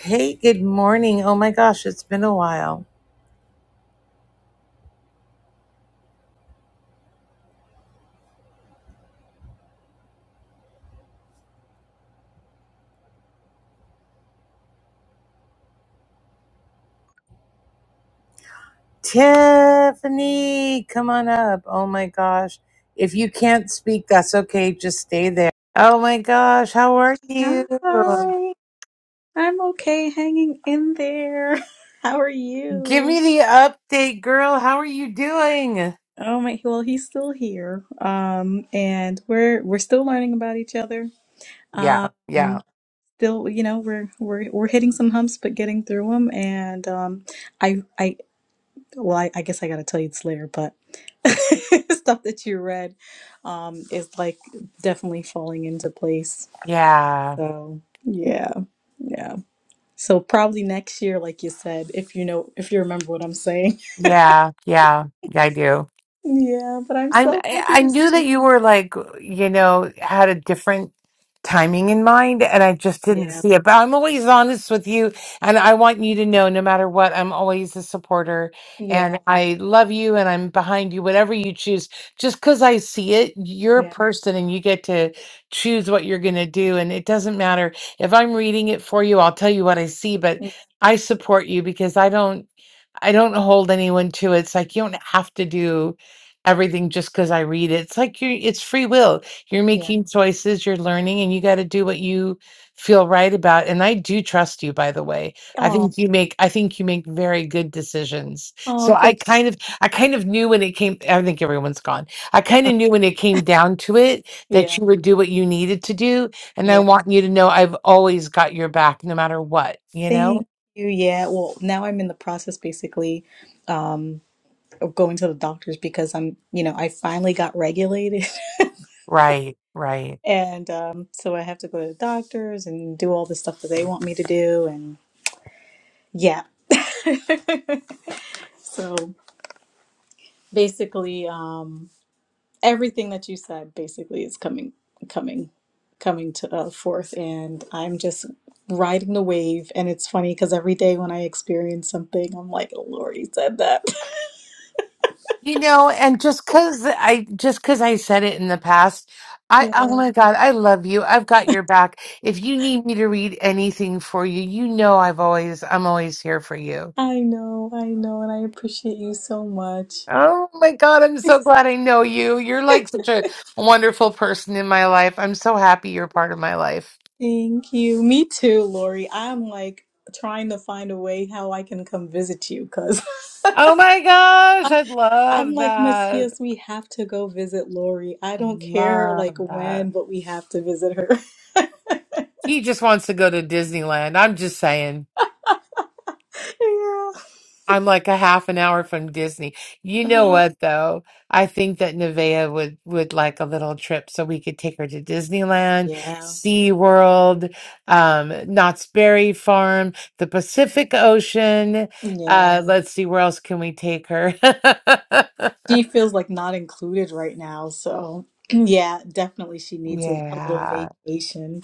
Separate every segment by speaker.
Speaker 1: Hey, good morning. Oh my gosh, it's been a while. Tiffany, come on up. Oh my gosh. If you can't speak, that's okay. Just stay there. Oh my gosh, how are you?
Speaker 2: Hi, I'm okay hanging in there. How are
Speaker 1: Give
Speaker 2: you?
Speaker 1: me the update, girl. How are you doing?
Speaker 2: Oh my, well, he's still here. Um, and we're we're still learning about each other.
Speaker 1: Yeah,
Speaker 2: Um,
Speaker 1: yeah,
Speaker 2: still, you know, we're we're we're hitting some humps but getting through them and um I I well, I, I guess I gotta tell you this later, but stuff that you read um is like definitely falling into place.
Speaker 1: yeah,
Speaker 2: So, yeah. yeah. So probably next year, like you said, if you know, if you remember what I'm saying.
Speaker 1: yeah, yeah, yeah, I do.
Speaker 2: Yeah, but I'm
Speaker 1: I'm,
Speaker 2: so
Speaker 1: I
Speaker 2: happy
Speaker 1: I
Speaker 2: to
Speaker 1: knew that
Speaker 2: see.
Speaker 1: you were like, you know, had a different timing in mind, and I just didn't
Speaker 2: Yeah,
Speaker 1: see it. But I'm always honest with you, and I want you to know, no matter what, I'm always a supporter,
Speaker 2: yeah,
Speaker 1: and I love you, and I'm behind you, whatever you choose. Just because I see it, you're a
Speaker 2: yeah,
Speaker 1: person, and you get to choose what you're going to do, and it doesn't matter if I'm reading it for you. I'll tell you what I see, but
Speaker 2: y-
Speaker 1: I support you because I don't. I don't hold anyone to it. It's like you don't have to do everything just because I read it. It's like you it's free will. You're
Speaker 2: yeah.
Speaker 1: making choices, you're learning, and you got to do what you feel right about. And I do trust you, by the way. I
Speaker 2: Oh,
Speaker 1: think you make I think you make very good decisions. So
Speaker 2: oh,
Speaker 1: I
Speaker 2: thank.
Speaker 1: kind of I kind of knew when it came I think everyone's gone. I kind
Speaker 2: uh,
Speaker 1: of knew when it came down to it that
Speaker 2: Yeah,
Speaker 1: you would do what you needed to do. And I
Speaker 2: yeah.
Speaker 1: want you to know I've always got your back no matter what, you know?
Speaker 2: Thank you. Yeah. Well, now I'm in the process, basically, um, of going to the doctors because I'm, you know, I finally got regulated,
Speaker 1: Right, right.
Speaker 2: and um, so I have to go to the doctors and do all the stuff that they want me to do, and yeah. So basically, um. everything that you said basically is coming coming coming to uh, forth and i'm just riding the wave and it's funny because every day when i experience something i'm like oh, lord he said that
Speaker 1: You know, and just cause I just cause I said it in the past, I
Speaker 2: yeah
Speaker 1: oh my God, I love you. I've got your back. If you need me to read anything for you, you know I've always I'm always here for you.
Speaker 2: i know i know and i appreciate you so much
Speaker 1: Oh my God, I'm so glad I know you. You're like such a wonderful person in my life. I'm so happy you're part of my life.
Speaker 2: thank you me too lori i'm like trying to find a way how i can come visit you because
Speaker 1: Oh my gosh,
Speaker 2: I-
Speaker 1: I
Speaker 2: I'm
Speaker 1: love
Speaker 2: like,
Speaker 1: that.
Speaker 2: Matthias, we have to go visit Lori. I
Speaker 1: I
Speaker 2: don't care
Speaker 1: love
Speaker 2: like when,
Speaker 1: that.
Speaker 2: but we have to visit her.
Speaker 1: He just wants to go to Disneyland. I'm just saying.
Speaker 2: Yeah.
Speaker 1: I'm like a half an hour from Disney. You know
Speaker 2: Uh,
Speaker 1: what though? I think that Nevaeh would would like a little trip so we could take her to Disneyland,
Speaker 2: yeah.
Speaker 1: SeaWorld, um, Knott's Berry Farm, the Pacific Ocean.
Speaker 2: Yeah.
Speaker 1: Uh, let's see, where else can we take her?
Speaker 2: She feels like not included right now. So, yeah, definitely she needs a, a little
Speaker 1: Yeah.
Speaker 2: vacation.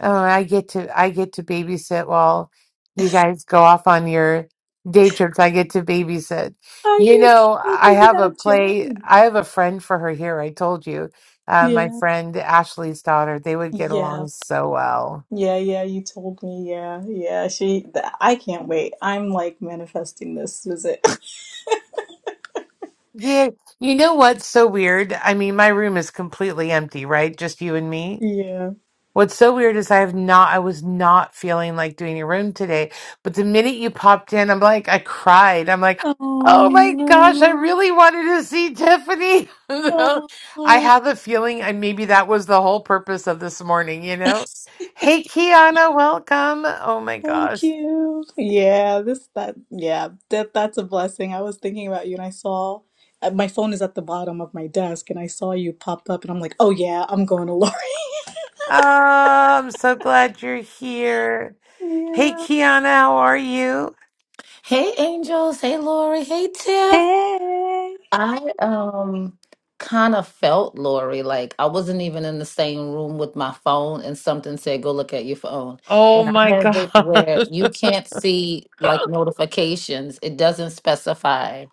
Speaker 1: Oh, I get to I get to babysit while you guys go off on your day trips. I get to babysit.
Speaker 2: Are
Speaker 1: You
Speaker 2: you
Speaker 1: know,
Speaker 2: kidding
Speaker 1: I
Speaker 2: me? You
Speaker 1: have a
Speaker 2: gotta
Speaker 1: play.
Speaker 2: join.
Speaker 1: I have a friend for her here. I told you, uh, my
Speaker 2: Yeah.
Speaker 1: friend Ashley's daughter. They would get
Speaker 2: Yeah.
Speaker 1: along so well.
Speaker 2: Yeah. Yeah. You told me. Yeah. Yeah. She, th- I can't wait. I'm like manifesting this visit.
Speaker 1: Yeah, you know what's so weird? I mean, my room is completely empty, right? Just you and me.
Speaker 2: Yeah.
Speaker 1: What's so weird is I have not, I was not feeling like doing a room today, but the minute you popped in, I'm like, I cried. I'm like, oh my gosh, I
Speaker 2: Oh,
Speaker 1: really wanted to see Tiffany. You know?
Speaker 2: no.
Speaker 1: I have a feeling, and maybe that was the whole purpose of this morning, you know? Hey, Kiana, welcome. Oh my
Speaker 2: Thank
Speaker 1: gosh.
Speaker 2: you. Yeah, this that yeah, that that's a blessing. I was thinking about you and I saw uh, my phone is at the bottom of my desk and I saw you popped up and I'm like, "Oh yeah, I'm going to Lori."
Speaker 1: Oh, I'm so glad you're here. Hey,
Speaker 2: Yeah.
Speaker 1: Kiana, how are you?
Speaker 3: Hey Angels, hey Lori, hey Tiff.
Speaker 2: Hey,
Speaker 3: I um kind of felt Lori like I wasn't even in the same room with my phone and something said go look at your phone.
Speaker 1: Oh
Speaker 3: And
Speaker 1: my
Speaker 3: I have it
Speaker 1: gosh.
Speaker 3: where you can't see like notifications. It doesn't specify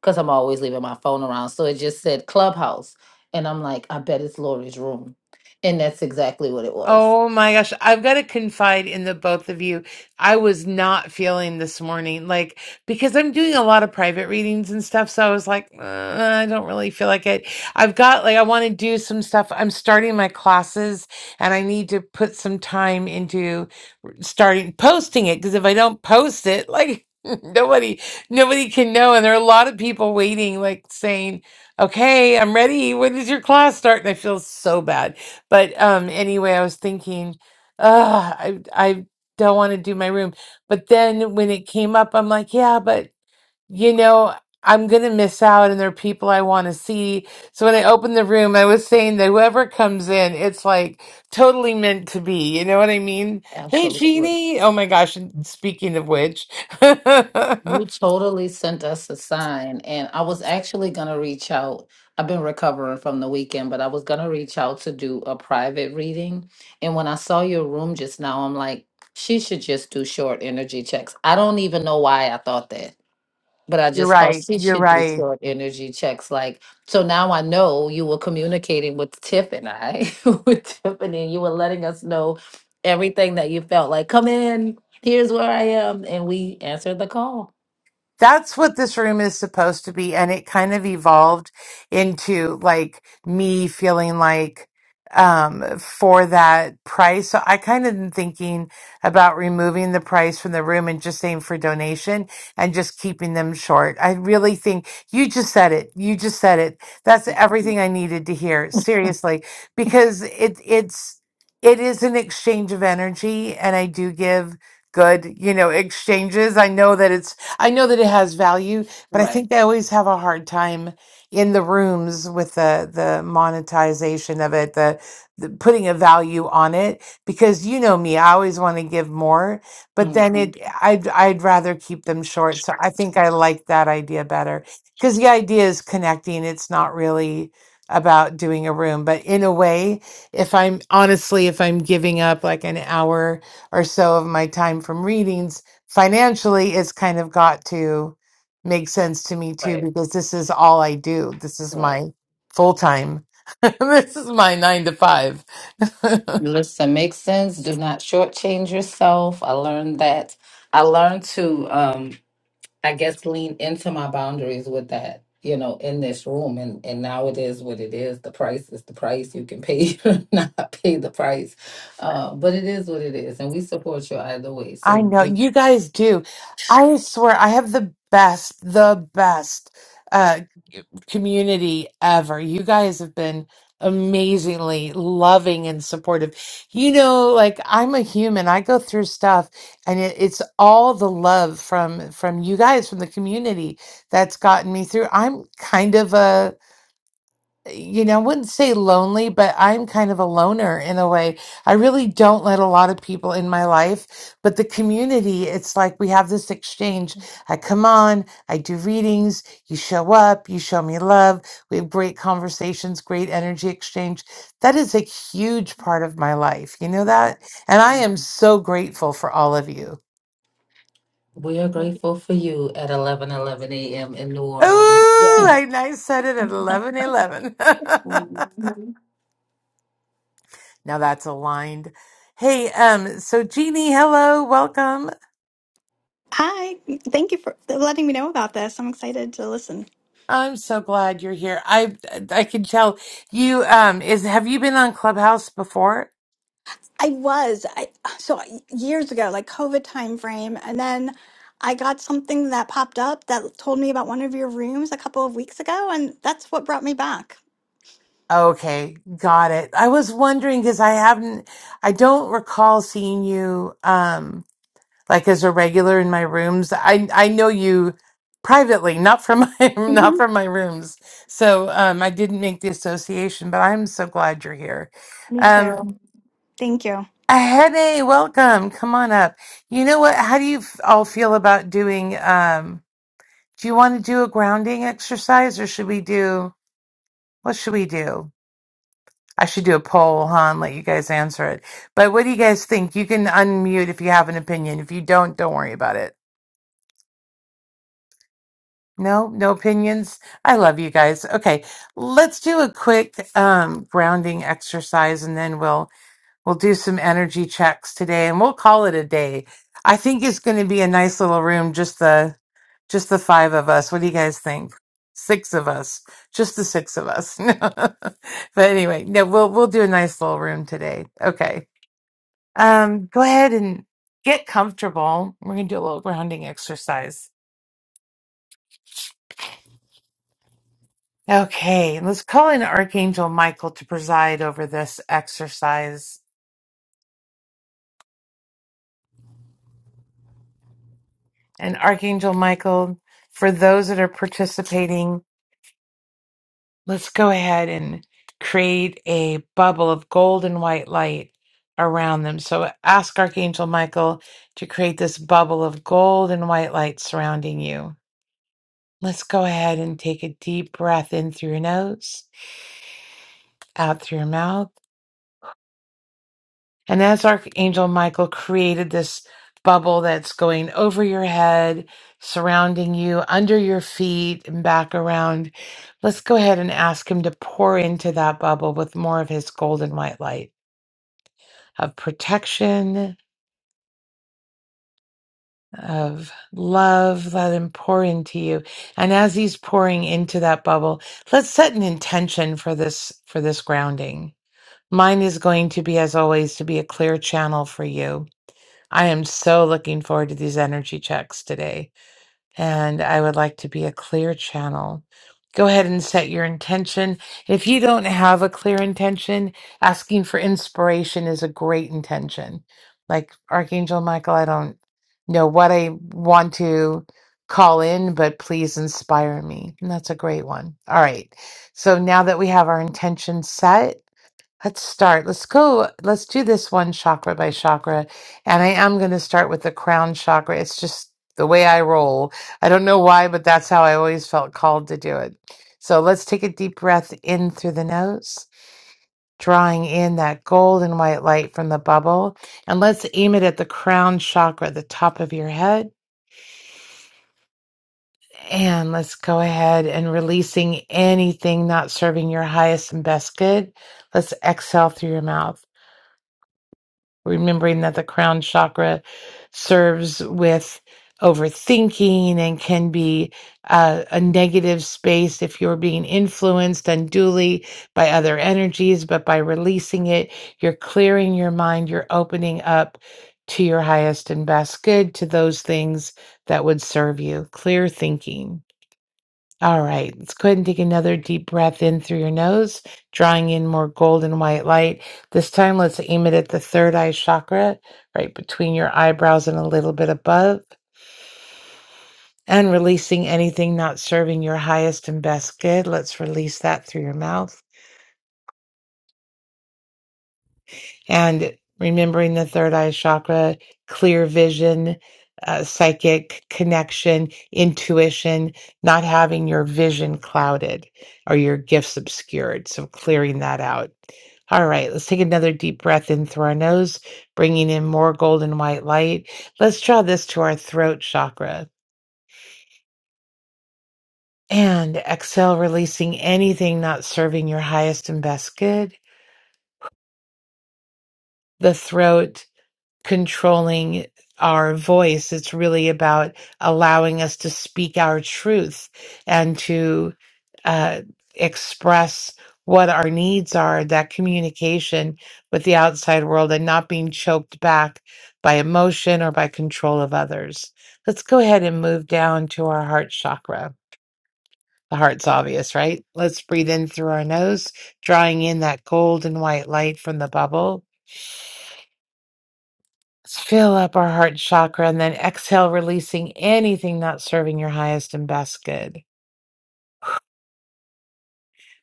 Speaker 3: because I'm always leaving my phone around. So it just said Clubhouse and I'm like I bet it's Lori's room. And that's exactly what it was.
Speaker 1: Oh my gosh, I've got to confide in the both of you. I was not feeling this morning, like, because I'm doing a lot of private readings and stuff. So I was like, "Uh, I don't really feel like it. I've got, like, I want to do some stuff. I'm starting my classes and I need to put some time into starting posting it because if I don't post it, like, nobody nobody can know and there are a lot of people waiting like saying okay i'm ready when does your class start and i feel so bad but um, anyway, I was thinking, Ugh, I I don't want to do my room. But then when it came up, I'm like, yeah, but you know, I'm gonna miss out, and there are people I want to see. So when I opened the room, I was saying that whoever comes in, it's like totally meant to be. You know what I mean? Hey,
Speaker 3: Absolutely.
Speaker 1: Jeannie. Oh my gosh! and Speaking of which,
Speaker 3: You totally sent us a sign, and I was actually gonna reach out. I've been recovering from the weekend, but I was gonna reach out to do a private reading. And when I saw your room just now, I'm like, she should just do short energy checks. I don't even know why I thought that, but I
Speaker 1: you're
Speaker 3: just thought
Speaker 1: right.
Speaker 3: she
Speaker 1: You're
Speaker 3: should do
Speaker 1: right.
Speaker 3: short energy checks. Like, so now I know you were communicating with Tiff and I, with Tiffany, and you were letting us know everything that you felt like, come in, here's where I am. And we answered the call.
Speaker 1: that's what this room is supposed to be and it kind of evolved into like me feeling like um for that price so i kind of am thinking about removing the price from the room and just saying for donation and just keeping them short i really think you just said it you just said it that's everything
Speaker 3: Mhm.
Speaker 1: i needed to hear seriously because it it's it is an exchange of energy and i do give good you know exchanges i know that it's I know that it has value, but I
Speaker 3: Right.
Speaker 1: think they always have a hard time in the rooms with the the monetization of it, the, the putting a value on it. Because you know me, I always want to give more, but
Speaker 3: hmm
Speaker 1: then it I'd I'd rather keep them short. So I think I like that idea better because the idea is connecting. It's not really about doing a room, but in a way, if I'm honestly, if I'm giving up like an hour or so of my time from readings financially it's kind of got to make sense to me too
Speaker 3: Right.
Speaker 1: because this is all I do. This is
Speaker 3: Right.
Speaker 1: my full time. this is my 9 to 5.
Speaker 3: Listen, make sense. Do not shortchange yourself. I learned that. I learned to. um, I guess lean into my boundaries with that, you know, in this room. And and now it is what it is. The price is the price. You can pay or not pay the price. Uh, but it is what it is. And we support you either way.
Speaker 1: I
Speaker 3: So
Speaker 1: know
Speaker 3: we
Speaker 1: you guys do. I swear I have the best, the best uh community ever. You guys have been amazingly loving and supportive. You know, like I'm a human. I go through stuff and it, it's all the love from from you guys from the community that's gotten me through. I'm kind of a you know, I wouldn't say lonely, but I'm kind of a loner in a way. I really don't let a lot of people in my life, but the community, it's like we have this exchange. I come on, I do readings, you show up, you show me love. We have great conversations, great energy exchange. That is a huge part of my life. You know that? And I
Speaker 3: um,
Speaker 1: am so grateful for all of you.
Speaker 3: we are
Speaker 2: Oh,
Speaker 3: grateful for you at eleven eleven a.m. in New
Speaker 1: Ooh,
Speaker 3: Orleans.
Speaker 2: Yeah.
Speaker 1: I, I said it at eleven eleven. Now that's aligned. Hey, um, so Jeannie, hello, welcome.
Speaker 4: Hi, thank you for letting me know about this. I'm excited to listen.
Speaker 1: I'm so glad you're here. I I can tell you um is have you been on Clubhouse before?
Speaker 4: I was I so years ago, like COVID time frame, and then I got something that popped up that told me about one of your rooms a couple of weeks ago, and that's what brought me back.
Speaker 1: Okay, got it. I was wondering because I haven't I don't recall seeing you um like as a regular in my rooms. I I know you privately, not from my not
Speaker 4: hmm
Speaker 1: from my rooms. So um I didn't make the association, but I'm so glad you're here.
Speaker 4: Me
Speaker 1: Um
Speaker 4: too. Thank you.
Speaker 1: Hey, welcome. Come on up. You know what? How do you f- all feel about doing? Um, do you want to do a grounding exercise or should we do, what should we do? I should do a poll, huh, and let you guys answer it. But what do you guys think? You can unmute if you have an opinion. If you don't, don't worry about it. No, no opinions. I love you guys. Okay, let's do a quick um, grounding exercise and then we'll We'll do some energy checks today and we'll call it a day. I think it's going to be a nice little room just the just the five of us. What do you guys think? Six of us. Just the six of us. No. but anyway, no we'll we'll do a nice little room today. Okay. Um go ahead and get comfortable. We're going to do a little grounding exercise. Okay, let's call in Archangel Michael to preside over this exercise. And Archangel Michael, for those that are participating Let's go ahead and create a bubble of golden white light around them. So ask Archangel Michael to create this bubble of golden white light surrounding you. Let's go ahead and take a deep breath in through your nose, out through your mouth. And as Archangel Michael created this bubble that's going over your head, surrounding you, under your feet, and back around, let's go ahead and ask him to pour into that bubble with more of his golden white light. of protection, of love. Let him pour into you. And as he's pouring into that bubble, let's set an intention for this, for this grounding. Mine is going to be, as always, to be a clear channel for you. I am so looking forward to these energy checks today. and I would like to be a clear channel. Go ahead and set your intention. If you don't have a clear intention, asking for inspiration is a great intention. Like Archangel Michael, I don't know what I want to call in, but please inspire me. And that's a great one. All right. So now that we have our intention set, Let's start. Let's go. Let's do this one chakra by chakra. And I am going to start with the crown chakra. It's just the way I roll. I don't know why, but that's how I always felt called to do it. So let's take a deep breath in through the nose, drawing in that gold and white light from the bubble. And let's aim it at the crown chakra, the top of your head. And let's go ahead and releasing anything not serving your highest and best good. Let's exhale through your mouth. remembering that the crown chakra serves with overthinking and can be uh, a negative space if you're being influenced unduly by other energies, but by releasing it, you're clearing your mind, you're opening up to your highest and best good, to those things that would serve you. Clear thinking. All right, let's go ahead and take another deep breath in through your nose, drawing in more golden white light. This time, let's aim it at the third eye chakra, right between your eyebrows and a little bit above, and releasing anything not serving your highest and best good. Let's release that through your mouth. and remembering the third eye chakra, clear vision, uh, psychic connection, intuition, not having your vision clouded or your gifts obscured. So clearing that out. All right, let's take another deep breath in through our nose, bringing in more golden white light. Let's draw this to our throat chakra. And exhale, releasing anything not serving your highest and best good. The throat controlling our voice. It's really about allowing us to speak our truth and to uh, express what our needs are, that communication with the outside world and not being choked back by emotion or by control of others. Let's go ahead and move down to our heart chakra. The heart's obvious, right? Let's breathe in through our nose, drawing in that golden white light from the bubble. Fill up our heart chakra and then exhale, releasing anything not serving your highest and best good.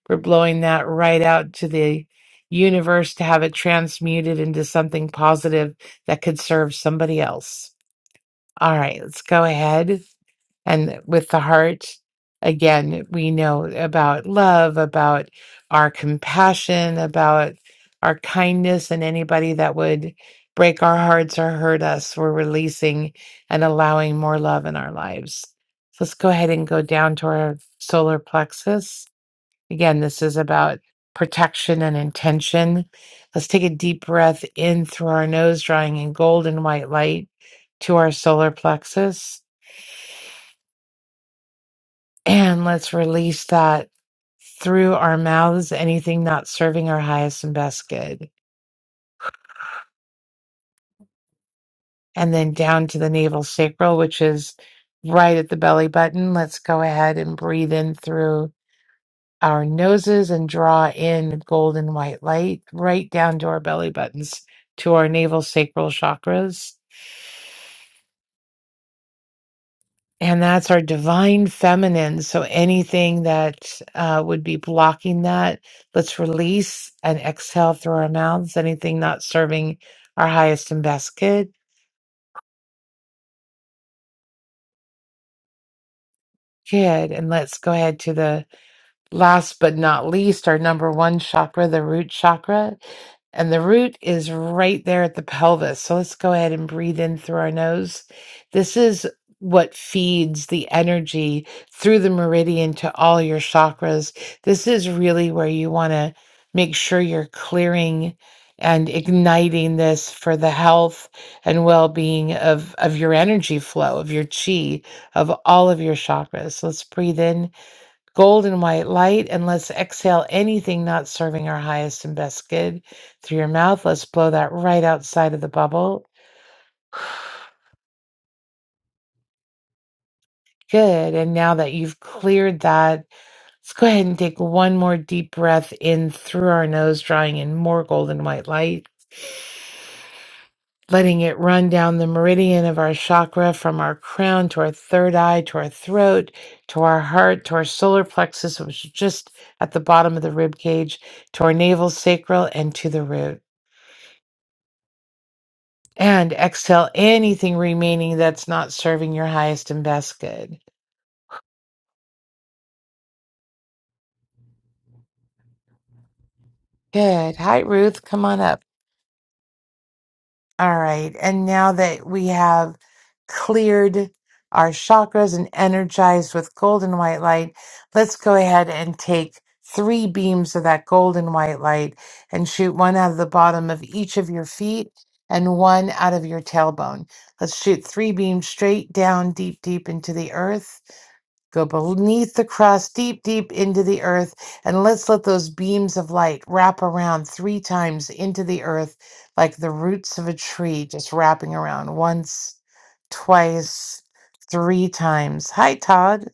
Speaker 1: We're blowing that right out to the universe to have it transmuted into something positive that could serve somebody else. All right, let's go ahead. And with the heart, again, we know about love, about our compassion, about our kindness, and anybody that would break our hearts or hurt us, we're releasing and allowing more love in our lives. So let's go ahead and go down to our solar plexus. Again, this is about protection and intention. Let's take a deep breath in through our nose, drawing in golden white light to our solar plexus And let's release that through our mouths, anything not serving our highest and best good. And then down to the navel sacral, which is right at the belly button. Let's go ahead and breathe in through our noses and draw in golden white light right down to our belly buttons, to our navel sacral chakras. And that's our divine feminine. So anything that uh, would be blocking that, let's release and exhale through our mouths. Anything not serving our highest and best good, good. And let's go ahead to the Last but not least, our number one chakra, the root chakra. And the root is right there at the pelvis. So let's go ahead and breathe in through our nose. This is what feeds the energy through the meridian to all your chakras. This is really where you want to make sure you're clearing and igniting this for the health and well-being of of your energy flow, of your chi, of all of your chakras. So let's breathe in Gold and white light, and let's exhale anything not serving our highest and best good through your mouth. Let's blow that right outside of the bubble. Good. And now that you've cleared that, let's go ahead and take one more deep breath in through our nose, drawing in more golden white light. letting it run down the meridian of our chakra from our crown to our third eye to our throat to our heart to our solar plexus which is just at the bottom of the rib cage to our navel sacral and to the root and exhale anything remaining that's not serving your highest and best good good hi ruth come on up All right. And now that we have cleared our chakras and energized with golden white light, let's go ahead and take three beams of that golden white light and shoot one out of the bottom of each of your feet and one out of your tailbone. Let's shoot three beams straight down, deep, deep into the earth. Go beneath the cross, deep, deep into the earth, and let's let those beams of light wrap around three times into the earth, like the roots of a tree, just wrapping around once, twice, three times. Hi, Todd.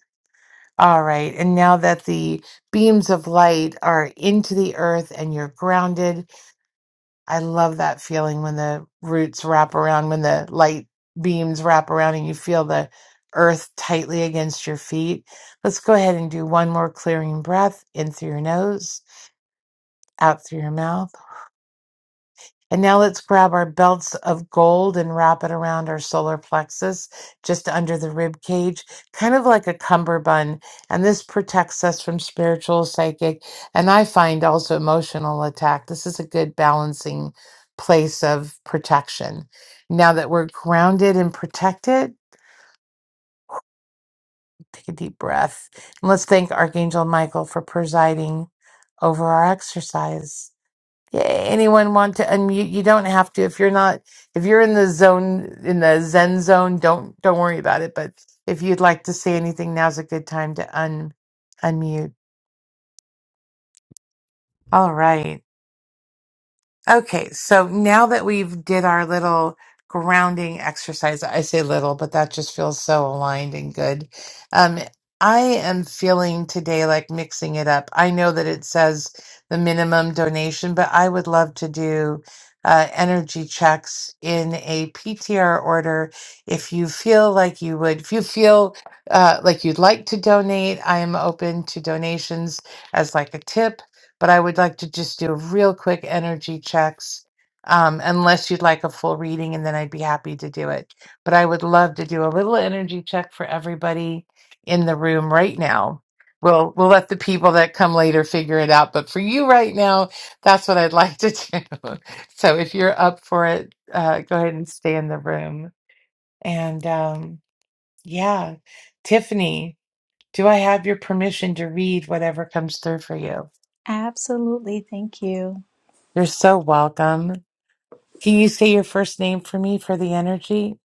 Speaker 1: All right. And now that the beams of light are into the earth and you're grounded, I love that feeling when the roots wrap around, when the light beams wrap around, and you feel the earth tightly against your feet. Let's go ahead and do one more clearing breath in through your nose, out through your mouth. And now let's grab our belts of gold and wrap it around our solar plexus, just under the rib cage, kind of like a cummerbund. And this protects us from spiritual, psychic, and I find also emotional attack. This is a good balancing place of protection. Now that we're grounded and protected, take a deep breath. And let's thank Archangel Michael for presiding over our exercise. Yeah, Anyone want to unmute? You don't have to if you're not if you're in the zone in the Zen zone. Don't don't worry about it. But if you'd like to say anything, now's a good time to un unmute. All right. Okay, so now that we've did our little grounding exercise, I say little, but that just feels so aligned and good. Um, I am feeling today like mixing it up. I know that it says the minimum donation, but I would love to do uh, energy checks in a PTR order. If you feel like you would, if you feel uh, like you'd like to donate, I am open to donations as like a tip but I would like to just do real quick energy checks. Um, unless you'd like a full reading, and then I'd be happy to do it. But I would love to do a little energy check for everybody in the room right now. We'll we'll let the people that come later figure it out. But for you right now, that's what I'd like to do. So if you're up for it, uh, go ahead and stay in the room. And um, yeah, Tiffany, do I have your permission to read whatever comes through for you?
Speaker 2: absolutely. Thank you.
Speaker 1: You're so welcome. Can you say your first name for me for the energy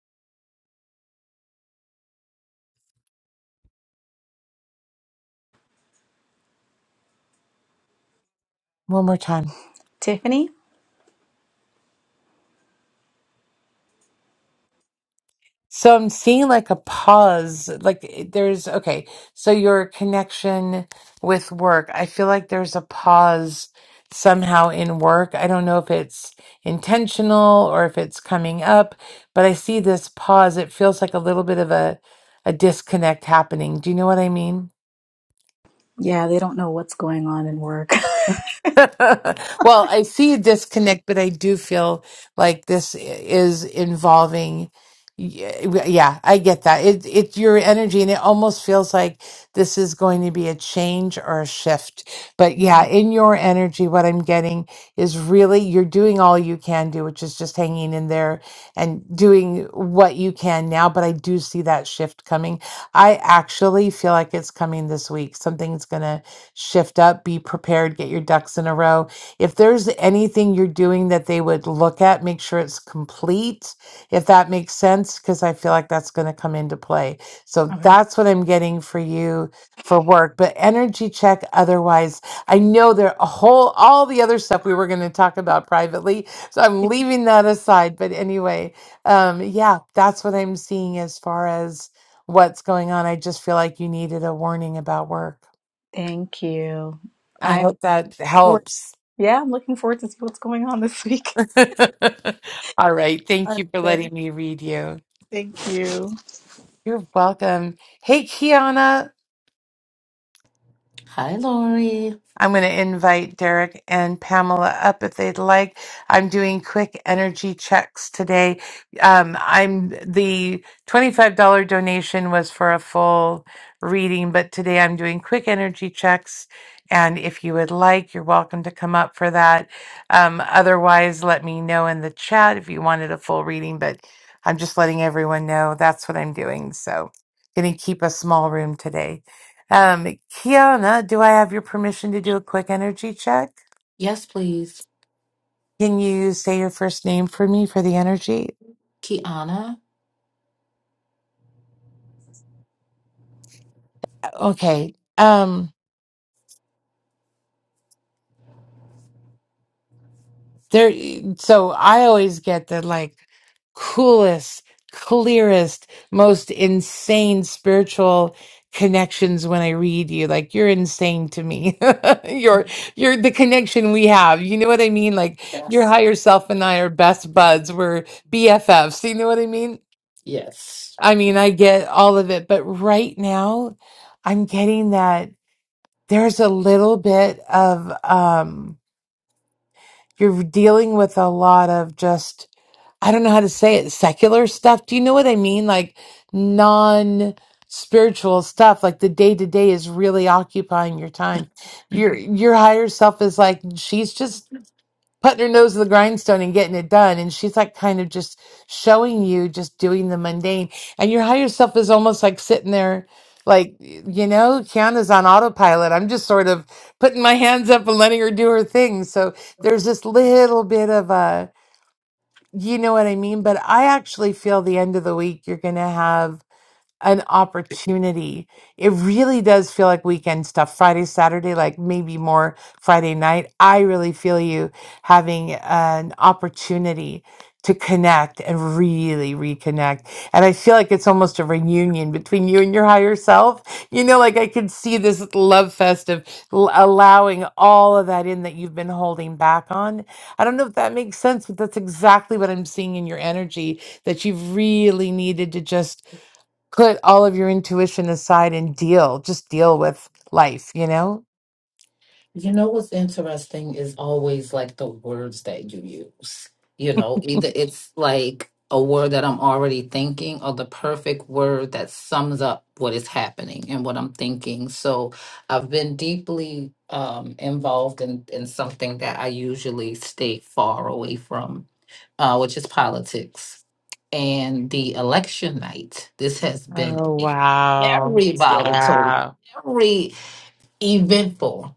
Speaker 1: one more time?
Speaker 2: Tiffany?
Speaker 1: So I'm seeing like a pause, like eh, there's okay. So your connection with work, I feel like there's a pause somehow in work. I don't know if it's intentional or if it's coming up, but I see this pause. It feels like a little bit of a a disconnect happening. Do you know what I mean?
Speaker 2: Yeah, they don't know what's going on in work.
Speaker 1: well, I see a disconnect, but I do feel like this is involving. y- Yeah, I get that. It it's your energy, and it almost feels like this is going to be a change or a shift. But
Speaker 2: Yeah.
Speaker 1: yeah, in your energy, what I'm getting is really you're doing all you can do, which is just hanging in there and doing what you can now. But I do see that shift coming. I actually feel like it's coming this week. Something's gonna shift up, be prepared, get your ducks in a row. If there's anything you're doing that they would look at, make sure it's complete, if that makes sense, because I feel like that's going to come into play. So
Speaker 2: Okay.
Speaker 1: that's what I'm getting for you for work. But energy check otherwise, I know there a whole all the other stuff we were going to talk about privately. So I'm
Speaker 2: Yeah.
Speaker 1: leaving that aside. But anyway, um yeah that's what i'm seeing as far as what's going on i just feel like you needed a warning about work
Speaker 2: Thank you.
Speaker 1: I
Speaker 2: I'm,
Speaker 1: hope that
Speaker 2: or-
Speaker 1: helps.
Speaker 2: yeah, I'm looking forward to see what's going on this week.
Speaker 1: All right. Thank
Speaker 2: All
Speaker 1: you for
Speaker 2: right.
Speaker 1: letting me read you.
Speaker 2: Thank thank you.
Speaker 1: You're welcome. Hey, Kiana.
Speaker 3: Hi, Lori.
Speaker 1: I'm going to invite Derek and Pamela up if they'd like. I'm doing quick energy checks today. Um, I'm the $25 donation was for a full reading, but today I'm doing quick energy checks. And if you would like, you're welcome to come up for that. Um, otherwise, let me know in the chat if you wanted a full reading, but I'm just letting everyone know that's what I'm doing. So, going to keep a small room today. Um, Kiana, do I have your permission to do a quick energy check?
Speaker 3: Yes, please.
Speaker 1: Can you say your first name for me for the energy?
Speaker 3: Kiana?
Speaker 1: Okay. Um, there, so I always get the like coolest, clearest, most insane spiritual connections when I read you. Like you're insane to me. you're, you're the connection we have. You know what I mean? Like your
Speaker 3: Yes.
Speaker 1: higher self and I are best buds. We're BFFs. You know what I mean?
Speaker 3: Yes.
Speaker 1: I mean, I get all of it, but right now I'm getting that there's a little bit of um you're dealing with a lot of just I don't know how to say it, secular stuff. Do you know what I mean? Like non spiritual stuff like the day to day is really occupying your time your your higher self is like she's just putting her nose to the grindstone and getting it done. And she's like kind of just showing you just doing the mundane. And your higher self is almost like sitting there, like, you know, Kiana's on autopilot. I'm just sort of putting my hands up and letting her do her thing. So there's this little bit of a, you know what I mean? But I actually feel the end of the week, you're going to have an opportunity. It really does feel like weekend stuff. Friday, Saturday, like maybe more Friday night. I really feel you having an opportunity to connect and really reconnect. And I feel like it's almost a reunion between you and your higher self. You know, like I can see this love fest of l- allowing all of that in that you've been holding back on. I don't know if that makes sense, but that's exactly what I'm seeing in your energy that you've really needed to just put all of your intuition aside and deal, just deal with life, you know?
Speaker 3: You know what's interesting is always like the words that you use. You know, either it's like a word that I'm already thinking or the perfect word that sums up what is happening and what I'm thinking. So I've been deeply um, involved in, in something that I usually stay far away from uh, which is politics, and the election night. This has been
Speaker 1: Oh,
Speaker 3: a
Speaker 1: wow.
Speaker 3: very volatile,
Speaker 1: Yeah.
Speaker 3: very eventful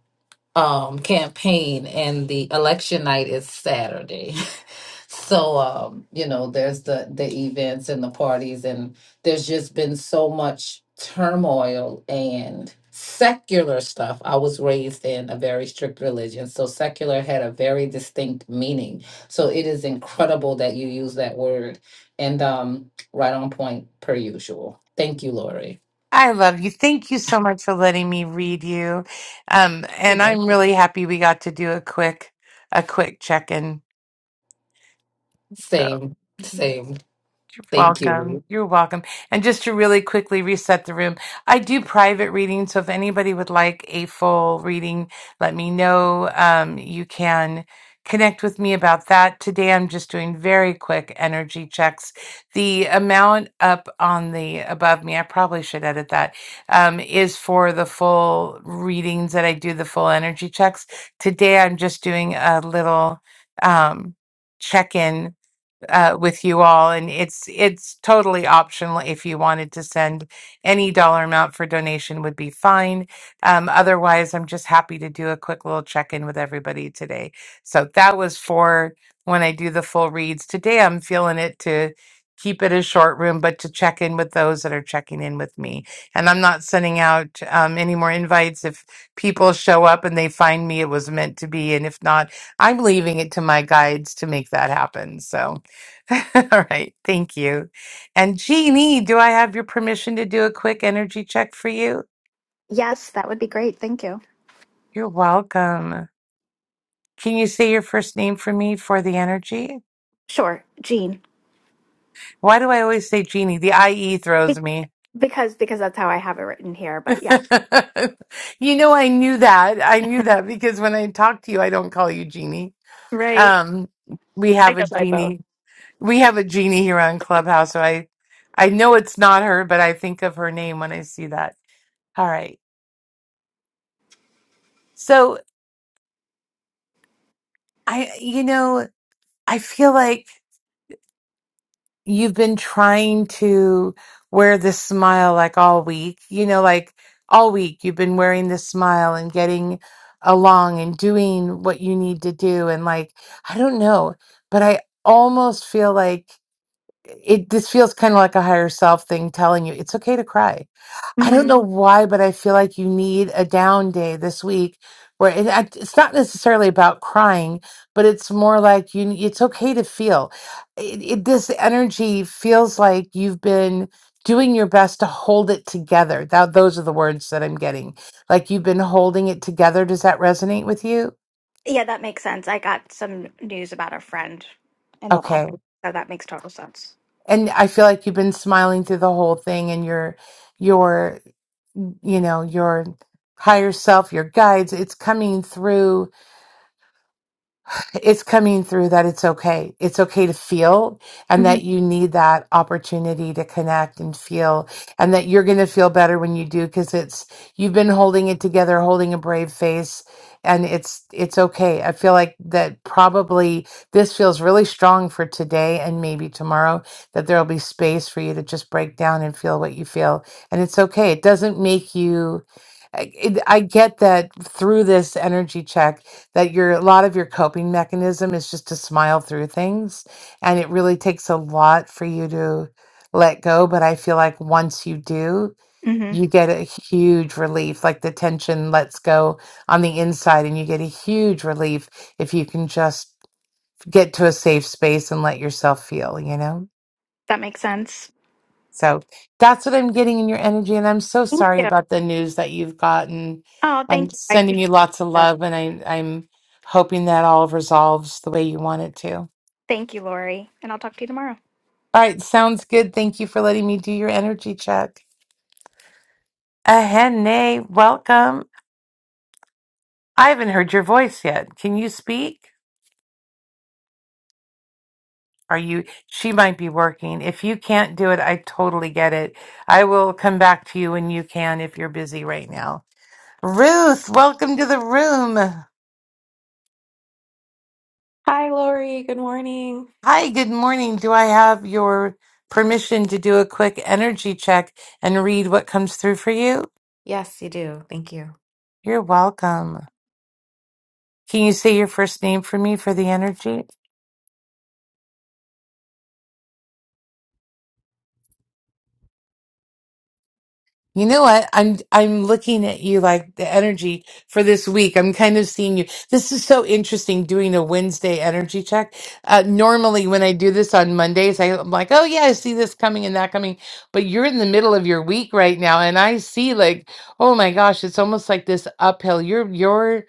Speaker 3: um, campaign, and the election night is Saturday. so um, you know, there's the the events and the parties, and there's just been so much turmoil and secular stuff. I was raised in a very strict religion, so secular had a very distinct meaning. So it is incredible that you use that word, and um, right on point per usual. Thank you, Lori.
Speaker 1: I love you. Thank you so much for letting me read you. Um,
Speaker 3: You're
Speaker 1: and I'm
Speaker 3: welcome.
Speaker 1: really happy we got to do a quick, a quick check-in. So.
Speaker 3: Same, same.
Speaker 1: You're
Speaker 3: Thank you.
Speaker 1: welcome. You're welcome. And just to really quickly reset the room, I do private readings. So if anybody would like a full reading, let me know. Um, you can connect with me about that. Today, I'm just doing very quick energy checks. The amount up on the above me, I probably should edit that, um, is for the full readings that I do, the full energy checks. Today, I'm just doing a little um, check in uh, with you all, and it's it's totally optional. If you wanted to send any dollar amount for donation, would be fine. Um, otherwise, I'm just happy to do a quick little check in with everybody today. So that was for when I do the full reads today. I'm feeling it to keep it a short room, but to check in with those that are checking in with me. And I'm not sending out um, any more invites if people show up and they find me it was meant to be, and if not, I'm leaving it to my guides to make that happen. So. All right, thank you. And Jeannie, do I have your permission to do a quick energy check for you?
Speaker 4: Yes, that would be great. Thank you.
Speaker 1: You're welcome. Can you say your first name for me for the energy?
Speaker 4: Sure, Jean.
Speaker 1: Why do I always say Jeannie? The IE
Speaker 4: Be-
Speaker 1: throws me.
Speaker 4: because because that's how I have it written here.
Speaker 1: you
Speaker 4: But yeah,
Speaker 1: know, I knew that. I knew that because when I talk to you, I don't call you Jeannie.
Speaker 4: Right.
Speaker 1: Um, we
Speaker 4: I
Speaker 1: have a
Speaker 4: guess I both.
Speaker 1: Jeannie. We have a Jeannie here on Clubhouse, so I, I know it's not her, but I think of her name when I see that. All right. So I, you know. I feel like you've been trying to wear this smile like all week, you know, like all week you've been wearing this smile and getting along and doing what you need to do. And like, I don't know, but I almost feel like it, this feels kind of like a higher self thing telling you it's okay to cry I don't know why, but I feel like you need a down day this week where it, act- it's not necessarily about crying, but it's more like you. It's okay to feel. It, it, this energy feels like you've been doing your best to hold it together. That those are the words that I'm getting. Like you've been holding it together. Does that resonate with you?
Speaker 4: Yeah, that makes sense. I got some news about a friend in the last
Speaker 1: Okay,
Speaker 4: week, so that makes total sense.
Speaker 1: and I feel like you've been smiling through the whole thing, and your your you know your higher self, your guides. It's coming through it's coming through that it's okay. It's okay to feel and
Speaker 4: hmm
Speaker 1: that you need that opportunity to connect and feel and that you're going to feel better when you do because it's you've been holding it together, holding a brave face and it's it's okay. I feel like that probably this feels really strong for today and maybe tomorrow that there'll be space for you to just break down and feel what you feel and it's okay. It doesn't make you I, it, I get that through this energy check that your a lot of your coping mechanism is just to smile through things and it really takes a lot for you to let go but i feel like once you do
Speaker 4: hmm
Speaker 1: you get a huge relief like the tension lets go on the inside and you get a huge relief if you can just get to a safe space and let yourself feel you know
Speaker 4: That makes sense.
Speaker 1: so that's what I'm getting in your energy. And I'm so
Speaker 4: Thank
Speaker 1: sorry
Speaker 4: you.
Speaker 1: about the news that you've gotten.
Speaker 4: Oh, thank
Speaker 1: I'm
Speaker 4: you. I
Speaker 1: sending you
Speaker 4: appreciate
Speaker 1: lots of
Speaker 4: that.
Speaker 1: love and I, I'm hoping that all resolves the way you want it to. All
Speaker 4: Thank you, Lori. And I'll talk to you tomorrow.
Speaker 1: right. Sounds good. Thank you for letting me do your energy check. Ahene, welcome. I haven't heard your voice yet. Can you speak? Are you? She might be working. If you can't do it, I totally get it. I will come back to you when you can if you're busy right now. Ruth, welcome to the room.
Speaker 5: Hi, Lori. Good morning.
Speaker 1: Hi, good morning. Do I have your permission to do a quick energy check and read what comes through for you?
Speaker 5: Yes, you do. Thank you.
Speaker 1: You're welcome. Can you say your first name for me for the energy? You know what? I'm I'm looking at you like the energy for this week. I'm kind of seeing you. This is so interesting doing a Wednesday energy check. Uh, normally, when I do this on Mondays, I, am like, oh yeah, I see this coming and that coming. But you're in the middle of your week right now, and I see like, oh my gosh, it's almost like this uphill. You're you're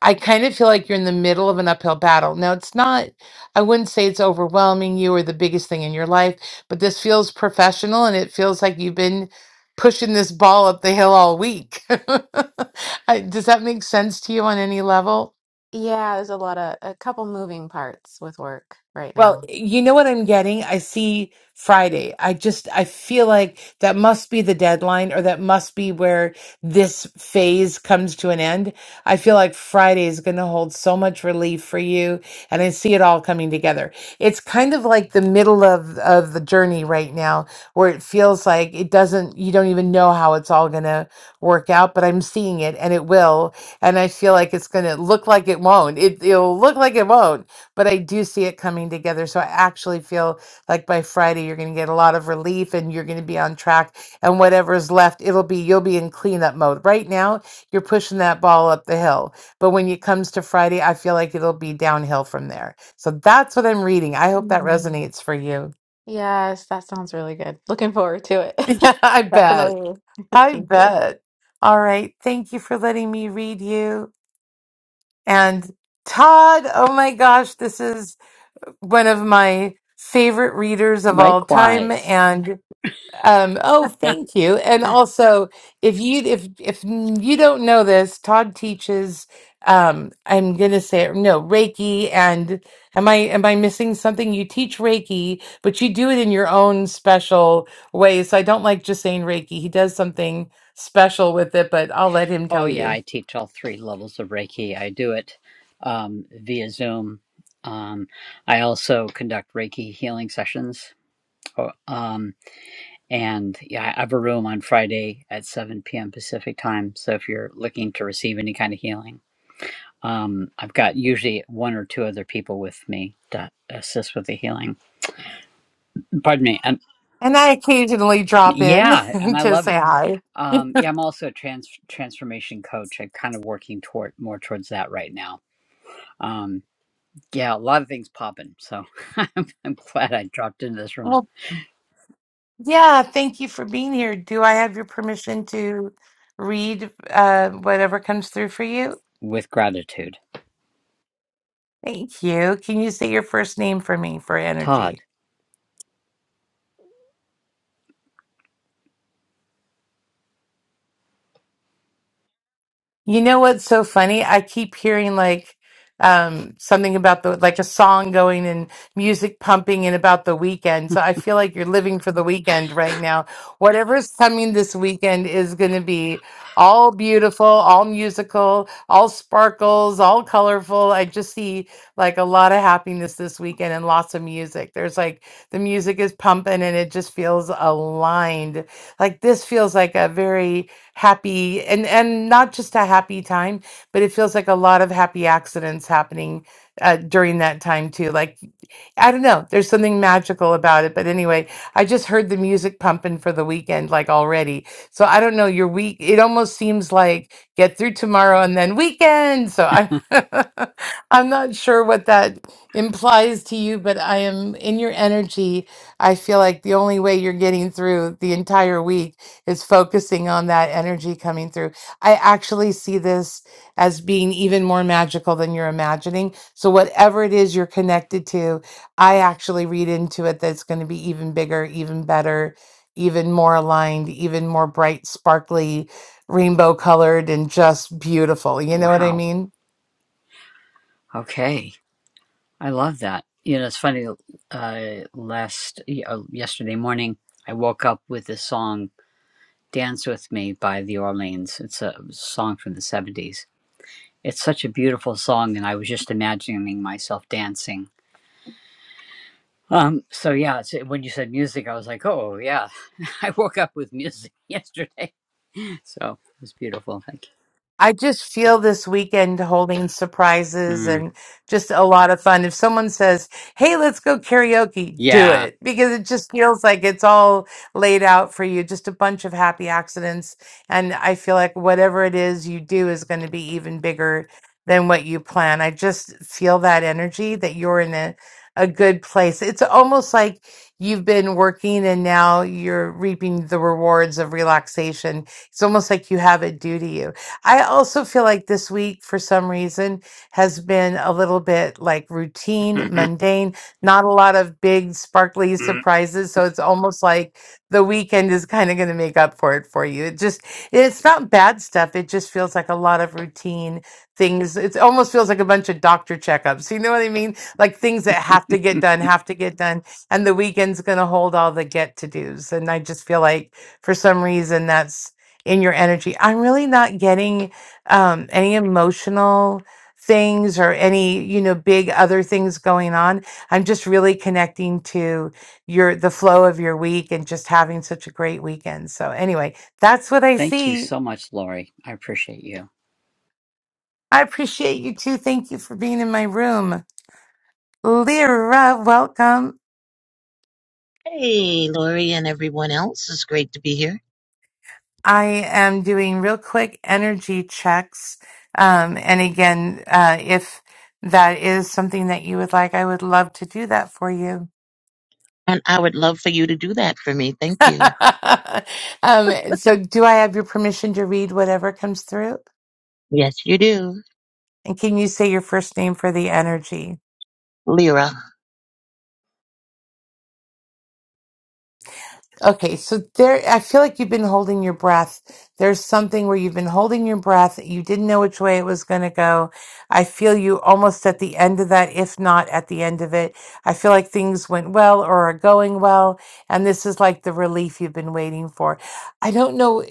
Speaker 1: I kind of feel like you're in the middle of an uphill battle. Now, it's not, I wouldn't say it's overwhelming you or the biggest thing in your life, but this feels professional and it feels like you've been pushing this ball up the hill all week. I- Does that make sense to you on any level?
Speaker 5: Yeah, there's a lot of a couple moving parts with work right
Speaker 1: Well,
Speaker 5: now.
Speaker 1: you know what I'm getting? I see Friday. I just, I feel like that must be the deadline or that must be where this phase comes to an end. I feel like Friday is going to hold so much relief for you and I see it all coming together. It's kind of like the middle of, of the journey right now where it feels like it doesn't, you don't even know how it's all going to work out, but I'm seeing it and it will. And I feel like it's going to look like it won't. It, it'll look like it won't but I do see it coming together. So I actually feel like by Friday, you're going to get a lot of relief and you're going to be on track. And whatever's left, it'll be, you'll be in cleanup mode. Right now, you're pushing that ball up the hill. But when it comes to Friday, I feel like it'll be downhill from there. So that's what I'm reading. I hope that
Speaker 5: Mhm.
Speaker 1: resonates for you.
Speaker 5: Yes, that sounds really good. Looking forward to it.
Speaker 1: Yeah, I bet.
Speaker 5: Definitely.
Speaker 1: I
Speaker 5: Thank you.
Speaker 1: bet. All right. Thank you for letting me read you. And Todd, oh my gosh, this is one of my favorite readers of all time
Speaker 6: Likewise.
Speaker 1: and um oh thank you and also if you if if you don't know this todd teaches um i'm gonna say it no reiki and am i am i missing something you teach reiki but you do it in your own special way so i don't like just saying reiki he does something special with it but i'll let him
Speaker 6: Oh,
Speaker 1: tell
Speaker 6: yeah,
Speaker 1: you
Speaker 6: I teach all three levels of Reiki. I do it um, via Zoom. Um, I also conduct Reiki healing sessions. Oh, Um, and yeah, I have a room on Friday at 7 p.m. Pacific time. So if you're looking to receive any kind of healing, um, I've got usually one or two other people with me to assist with the healing. Pardon me. And
Speaker 1: And I occasionally drop in
Speaker 6: yeah, and I
Speaker 1: to
Speaker 6: love
Speaker 1: say
Speaker 6: it.
Speaker 1: hi.
Speaker 6: Um, yeah, I'm also a trans transformation coach. I'm kind of working toward more towards that right now. Um, yeah, a lot of things popping. So I'm, I'm glad I dropped into this room
Speaker 1: Well, yeah, thank you for being here. Do I have your permission to read uh, whatever comes through for you?
Speaker 6: with gratitude.
Speaker 1: Thank you. Can you say your first name for me for energy?
Speaker 6: Todd,
Speaker 1: You know what's so funny? I keep hearing like um something about the like a song going and music pumping and about the weekend. So I feel like you're living for the weekend right now. Whatever's coming this weekend is going to be all beautiful, all musical, all sparkles, all colorful. I just see like a lot of happiness this weekend and lots of music. There's like the music is pumping and it just feels aligned. Like this feels like a very happy and and not just a happy time but it feels like a lot of happy accidents happening uh, during that time too like i don't know there's something magical about it but anyway i just heard the music pumping for the weekend like already so i don't know your week it almost seems like get through tomorrow and then weekend so i'm i'm not sure what that implies to you but i am in your energy i feel like the only way you're getting through the entire week is focusing on that energy coming through. I actually see this as being even more magical than you're imagining. So, whatever it is you're connected to, I actually read into it that it's going to be even bigger, even better, even more aligned, even more bright, sparkly, rainbow colored, and just beautiful. You know what I
Speaker 6: wow.
Speaker 1: mean?
Speaker 6: Okay, I love that. You know, it's funny. Uh, last y- uh, yesterday morning, I woke up with this song "Dance with Me" by The Orleans. It's a song from the '70s. It's such a beautiful song, and I was just imagining myself dancing Um, so yeah, it's, when you said music, I was like, oh yeah, I woke up with music yesterday, so it was beautiful. Thank
Speaker 1: I just feel this weekend holding
Speaker 6: you.
Speaker 1: surprises
Speaker 6: Mm,
Speaker 1: and just a lot of fun. If someone says, Hey, let's go karaoke, do
Speaker 6: yeah.
Speaker 1: it because it just feels like it's all laid out for you, just a bunch of happy accidents. And I feel like whatever it is you do is going to be even bigger than what you plan. I just feel that energy that you're in a, a good place. It's almost like you've been working and now you're reaping the rewards of relaxation. It's almost like you have it due to you. I also feel like this week, for some reason, has been a little bit like routine, mundane, not a lot of big, sparkly surprises. So it's almost like the weekend is kind of going to make up for it for you. It just, it's not bad stuff. It just feels like a lot of routine things. It almost feels like a bunch of doctor checkups. You know what I mean? Like things that have to get
Speaker 6: Mm.
Speaker 1: done, have to get done. And the weekend's going to hold all the get to dos. And I just feel like for some reason, that's in your energy. I'm really not getting um, any emotional things or any you know big other things going on. I'm just really connecting to your the flow of your week and just having such a great weekend. So anyway, that's what I
Speaker 6: Thank you
Speaker 1: see.
Speaker 6: so much, Lori. I appreciate you.
Speaker 1: I appreciate you too. Thank you for being in my room. Lyra, welcome.
Speaker 7: Hey, Lori and everyone else. It's great to be here.
Speaker 1: I am doing real quick energy checks. Um, and again, uh, if that is something that you would like, I would love to do that for you.
Speaker 7: And I would love for you to do that for me. Thank you.
Speaker 1: um, so, do I have your permission to read whatever comes through?
Speaker 7: Yes, you do.
Speaker 1: And can you say your first name for the energy?
Speaker 7: Lyra.
Speaker 1: Okay, so there, I feel like you've been holding your breath. There's something where you've been holding your breath. You didn't know which way it was going to go. I feel you almost at the end of that, if not at the end of it. I feel like things went well or are going well. And this is like the relief you've been waiting for. I don't know.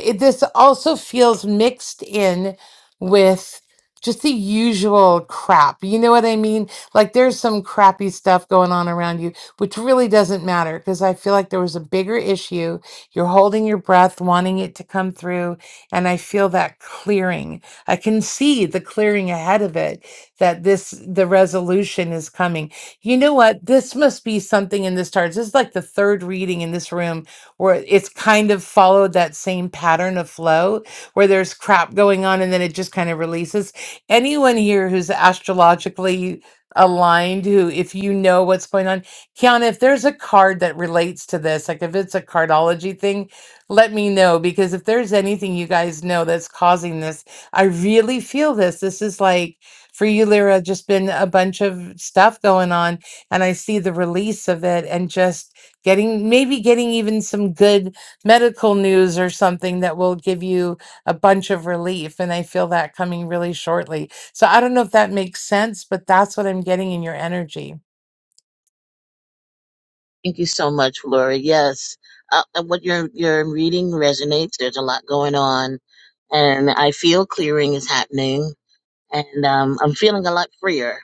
Speaker 1: It, this also feels mixed in with just the usual crap. You know what I mean? Like there's some crappy stuff going on around you which really doesn't matter because I feel like there was a bigger issue. You're holding your breath, wanting it to come through. And I feel that clearing. I can see the clearing ahead of it that this, the resolution is coming. You know what? This must be something in this tarot. This is like the third reading in this room where it's kind of followed that same pattern of flow where there's crap going on and then it just kind of releases. Anyone here who's astrologically aligned, who, if you know what's going on, Kiana, if there's a card that relates to this, like if it's a cardology thing, let me know because if there's anything you guys know that's causing this, I really feel this. This is like for you, Lyra, just been a bunch of stuff going on, and I see the release of it and just getting maybe getting even some good medical news or something that will give you a bunch of relief. And I feel that coming really shortly. So I don't know if that makes sense, but that's what I'm getting in your energy.
Speaker 7: Thank you so much, Lori. Yes. Uh, and what you're, you're reading resonates. There's a lot going on. And I feel clearing is happening. And um, I'm feeling a lot freer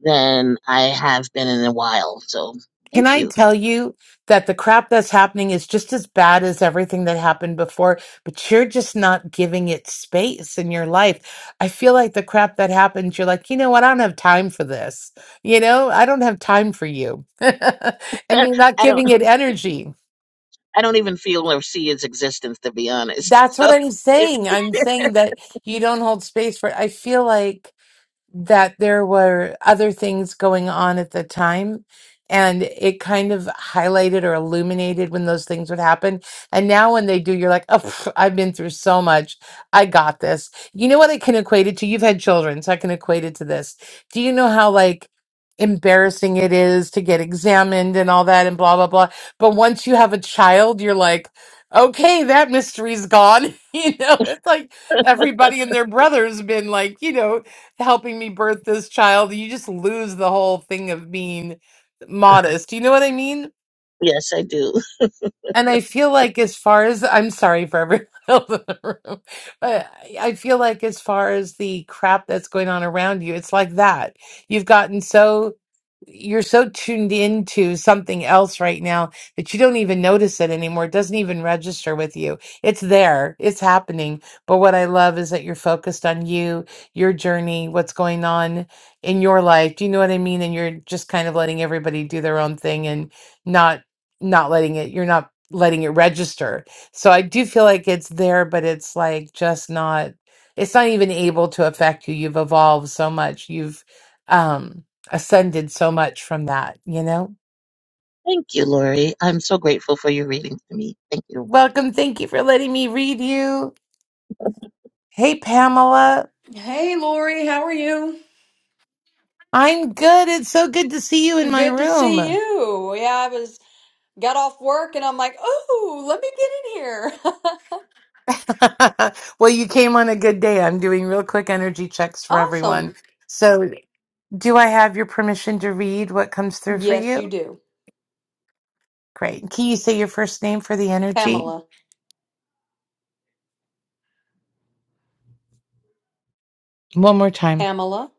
Speaker 7: than I have been in a while. So
Speaker 1: Can
Speaker 7: thank
Speaker 1: I
Speaker 7: you.
Speaker 1: tell you that the crap that's happening is just as bad as everything that happened before, but you're just not giving it space in your life? I feel like the crap that happens, you're like, you know what? I don't have time for this. You know, I don't have time for you. and you're not
Speaker 7: I don't
Speaker 1: giving it energy.
Speaker 7: I don't even feel or see its existence to be honest.
Speaker 1: That's what I'm
Speaker 7: So
Speaker 1: saying. I'm saying that you don't hold space for I feel like that there were other things going on at the time. And it kind of highlighted or illuminated when those things would happen. And now when they do, you're like, oh, pff, I've been through so much. I got this. You know what I can equate it to? You've had children, so I can equate it to this. Do you know how, like, embarrassing it is to get examined and all that and blah, blah, blah? But once you have a child, you're like, okay, that mystery's gone. you know, it's like everybody and their brother's been like, you know, helping me birth this child. You just lose the whole thing of being modest. You know what I mean?
Speaker 7: Yes, I do.
Speaker 1: And I feel like, as far as I'm sorry for everyone else in the room, but I I feel like, as far as the crap that's going on around you, it's like that. You've gotten so you're so tuned into something else right now that you don't even notice it anymore. It doesn't even register with you. It's there, it's happening. But what I love is that you're focused on you, your journey, what's going on in your life. Do you know what I mean? And you're just kind of letting everybody do their own thing and not not letting it you're not letting it register. So I do feel like it's there, but it's like just not it's not even able to affect you. You've evolved so much. You've um ascended so much from that, you know?
Speaker 7: Thank you, Lori. I'm so grateful for your reading to me. Thank you.
Speaker 1: You're welcome. Thank you for letting me read you. Hey, Pamela.
Speaker 8: Hey Lori, how are you?
Speaker 1: I'm good. It's so good to see you in my
Speaker 8: Good to see
Speaker 1: room.
Speaker 8: you. Yeah, I was got off work and I'm like, oh, let me get in here.
Speaker 1: well, you came on a good day. I'm doing real quick energy checks for
Speaker 8: Awesome.
Speaker 1: everyone. So, do I have your permission to read what comes through for
Speaker 8: Yes, you
Speaker 1: you?
Speaker 8: do.
Speaker 1: Great. Can you say your first name for the energy?
Speaker 8: Pamela.
Speaker 1: One more time.
Speaker 8: Pamela.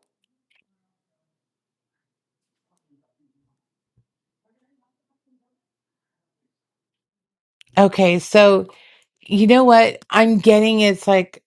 Speaker 1: Okay. So, You know what I'm getting? It's like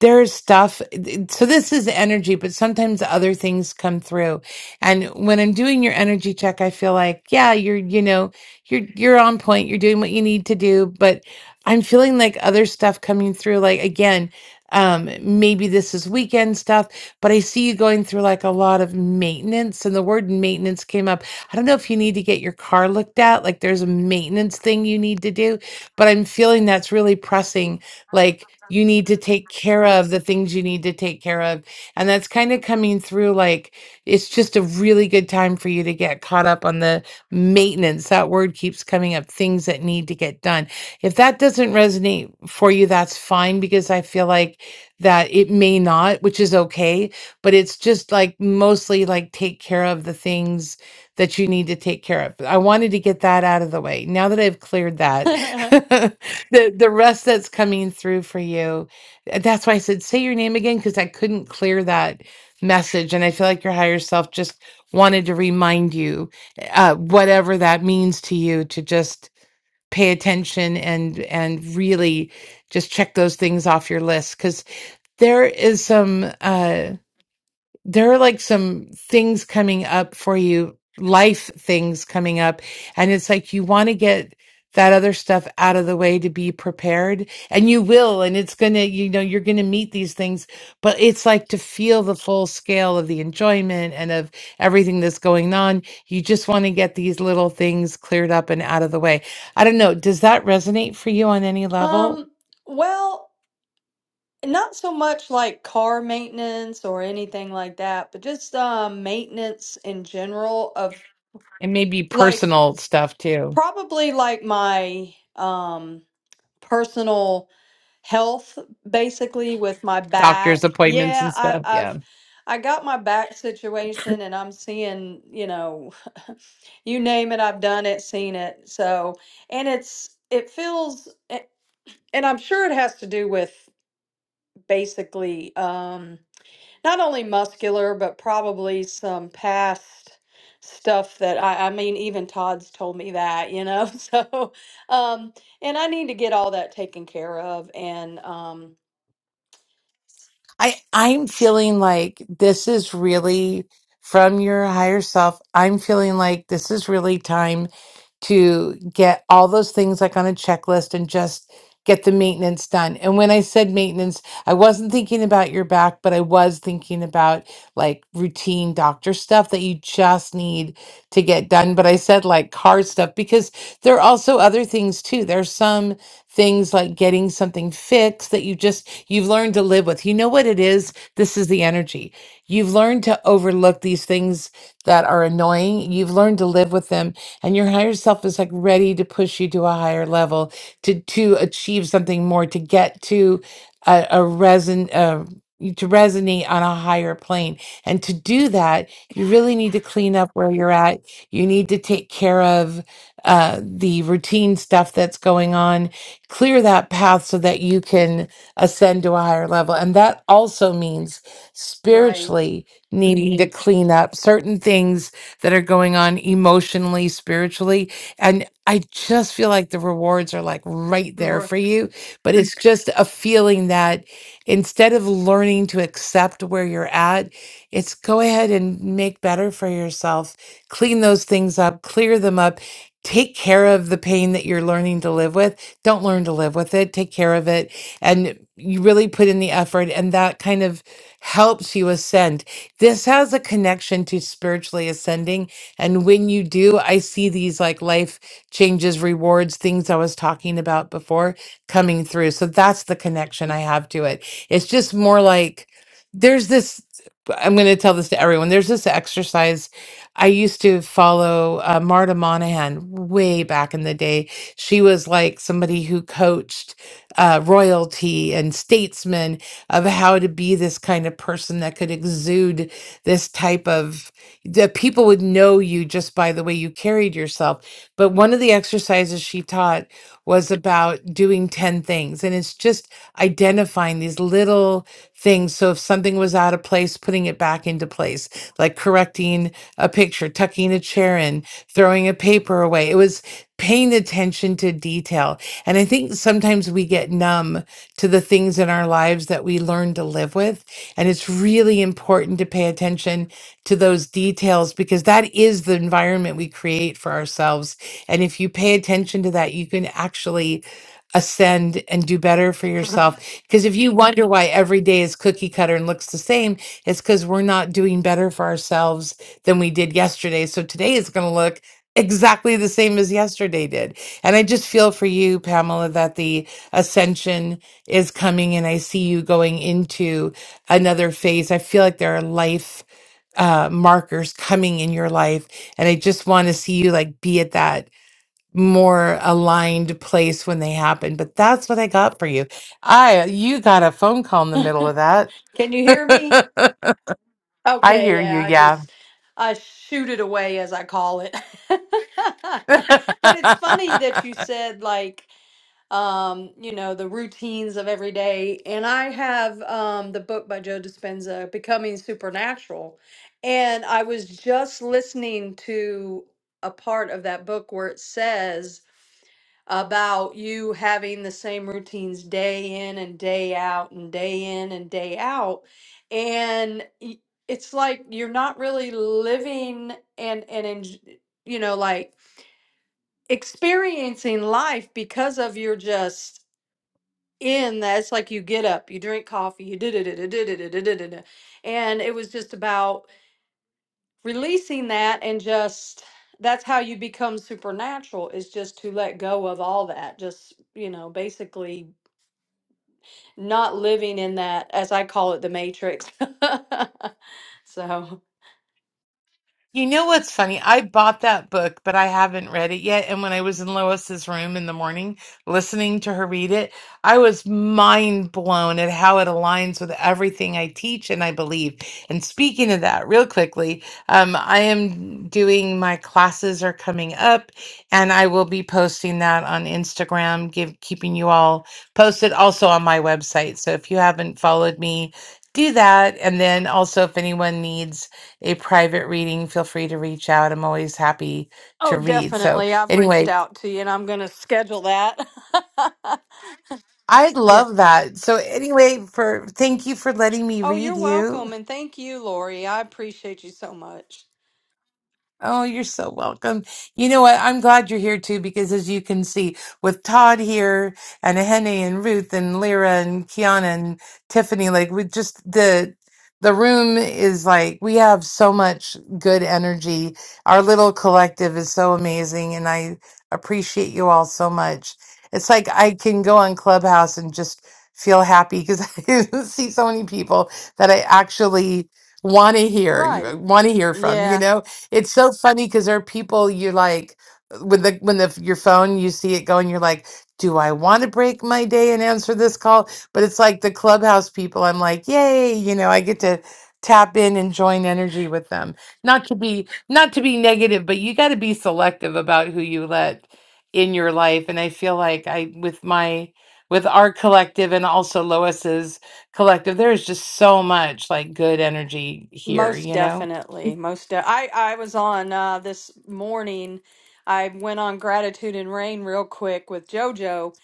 Speaker 1: there's stuff. So this is energy, but sometimes other things come through. And when I'm doing your energy check, I feel like, yeah, you're, you know, you're you're on point. You're doing what you need to do, but I'm feeling like other stuff coming through. Like again, um, maybe this is weekend stuff, but I see you going through like a lot of maintenance, and the word maintenance came up. I don't know if you need to get your car looked at. Like there's a maintenance thing you need to do but I'm feeling that's really pressing. Like you need to take care of the things you need to take care of. And that's kind of coming through like it's just a really good time for you to get caught up on the maintenance. That word keeps coming up things that need to get done. If that doesn't resonate for you, that's fine because I feel like that it may not, which is okay. But it's just like mostly like take care of the things that you need to take care of. I wanted to get that out of the way. Now that I've cleared that, the the rest that's coming through for you. Uh, That's why I said say your name again because I couldn't clear that message, and I feel like your higher self just wanted to remind you, uh, whatever that means to you, to just pay attention and and really just check those things off your list because there is some. Uh, there are like some things coming up for you, life things coming up. And it's like you want to get that other stuff out of the way to be prepared. And you will. And it's going to, you know, you're going to meet these things. But it's like to feel the full scale of the enjoyment and of everything that's going on. You just want to get these little things cleared up and out of the way. I don't know. Does that resonate for you on any level?
Speaker 8: Um, well, not so much like car maintenance or anything like that, but just um maintenance in general of
Speaker 1: And maybe
Speaker 8: like
Speaker 1: personal stuff too,
Speaker 8: probably like my um personal health basically with my
Speaker 1: doctor's
Speaker 8: back.
Speaker 1: appointments
Speaker 8: Yeah,
Speaker 1: and
Speaker 8: I,
Speaker 1: stuff. Yeah.
Speaker 8: I've I got my back situation and I'm seeing, you know, you name it, I've done it, seen it. So, and it's it feels a- and I'm sure it has to do with basically um not only muscular but probably some past stuff that I I mean even Todd's told me that, you know. So, um and I need to get all that taken care of and um
Speaker 1: I I'm feeling like this is really from your higher self. I'm feeling like this is really time to get all those things like on a checklist and just get the maintenance done. And when I said maintenance, I wasn't thinking about your back, but I was thinking about like routine doctor stuff that you just need to get done. But I said like car stuff because there are also other things too. There's some things like getting something fixed that you just you've learned to live with. You know what it is? This is the energy. You've learned to overlook these things that are annoying. You've learned to live with them and your higher self is like ready to push you to a higher level to to achieve something more to get to a, a reson uh, to resonate on a higher plane. And to do that, you really need to clean up where you're at. You need to take care of uh, the routine stuff that's going on clear that path so that you can ascend to a higher level. And that also means
Speaker 8: Right.
Speaker 1: spiritually needing to clean up certain things that are going on emotionally, spiritually. And I just feel like the rewards are like right there
Speaker 8: Bro-
Speaker 1: for you. But it's just a feeling that instead of learning to accept where you're at, it's go ahead and make better for yourself, clean those things up, clear them up, take care of the pain that you're learning to live with don't learn to live with it, take care of it. And you really put in the effort, and that kind of helps you ascend. This has a connection to spiritually ascending. And when you do, I see these like life changes, rewards, things I was talking about before coming through. So that's the connection I have to it. It's just more like there's this. I'm going to tell this to everyone. There's this exercise I used to follow uh, Marta Monahan way back in the day she was like somebody who coached uh, royalty and statesmen of how to be this kind of person that could exude this type of that people would know you just by the way you carried yourself. But one of the exercises she taught was about doing 10 things, and it's just identifying these little things. So if something was out of place, putting it back into place, like correcting a picture, tucking a chair in, throwing a paper away. It was paying attention to detail. And I think sometimes we get numb to the things in our lives that we learn to live with. And it's really important to pay attention to those details because that is the environment we create for ourselves. And if you pay attention to that, you can actually ascend and do better for yourself. Because if you wonder why every day is cookie cutter and looks the same, it's because we're not doing better for ourselves than we did yesterday. So today is going to look exactly the same as yesterday did. And I just feel for you, Pamela, that the ascension is coming and I see you going into another phase. I feel like there are life uh markers coming in your life and I just want to see you like be at that more aligned place when they happen. But that's what I got for you. I you got a phone call in the middle of that.
Speaker 8: Can you hear me?
Speaker 1: I
Speaker 8: Okay,
Speaker 1: hear you,
Speaker 8: yeah, I
Speaker 1: yeah.
Speaker 8: just I shoot it away as I call it. But it's funny that you said like um, you know, the routines of every day. And I have um, the book by Joe Dispenza, Becoming Supernatural. And I was just listening to a part of that book where it says about you having the same routines day in and day out and day in and day out. And y- it's like you're not really living and, and, enj- you know, like experiencing life because of your just in that's like you get up, you drink coffee, you did it, did and it was just about releasing that and just that's how you become supernatural is just to let go of all that just you know basically not living in that as i call it the matrix so
Speaker 1: You know what's funny? I bought that book, but I haven't read it yet. And when I was in Lois's room in the morning listening to her read it, I was mind blown at how it aligns with everything I teach and I believe. And speaking of that, real quickly, um, I am doing my classes are coming up, and I will be posting that on Instagram, give keeping you all posted, also on my website. So if you haven't followed me, do that. And then also, if anyone needs a private reading, feel free to reach out. I'm always happy
Speaker 8: oh
Speaker 1: to read. So
Speaker 8: definitely i've reached
Speaker 1: anyway,
Speaker 8: out to you and i'm going to schedule that
Speaker 1: I
Speaker 8: yeah
Speaker 1: love that. So anyway, for thank you for letting me
Speaker 8: oh
Speaker 1: read
Speaker 8: you're
Speaker 1: you.
Speaker 8: welcome and thank you lori i appreciate you so much
Speaker 1: Oh, you're so welcome. You know what? I'm glad you're here too, because as you can see, with Todd here and Ahene and Ruth and Lyra and Kiana and Tiffany, like we just the the room is like we have so much good energy. Our little collective is so amazing, and I appreciate you all so much. It's like I can go on Clubhouse and just feel happy because I see so many people that I actually want to
Speaker 8: right
Speaker 1: hear, want to hear from, you
Speaker 8: Yeah.
Speaker 1: know? It's so funny because there are people you're like with the when the your phone you see it going you're like do I want to break my day and answer this call but it's like the clubhouse people I'm like yay you know I get to tap in and join energy with them not to be not to be negative but you got to be selective about who you let in your life and I feel like I with my with our collective and also Lois's collective there is just so much like good energy here
Speaker 8: Most
Speaker 1: you know
Speaker 8: definitely, most de- I I was on uh this morning. I went on Gratitude and Rain real quick with JoJo,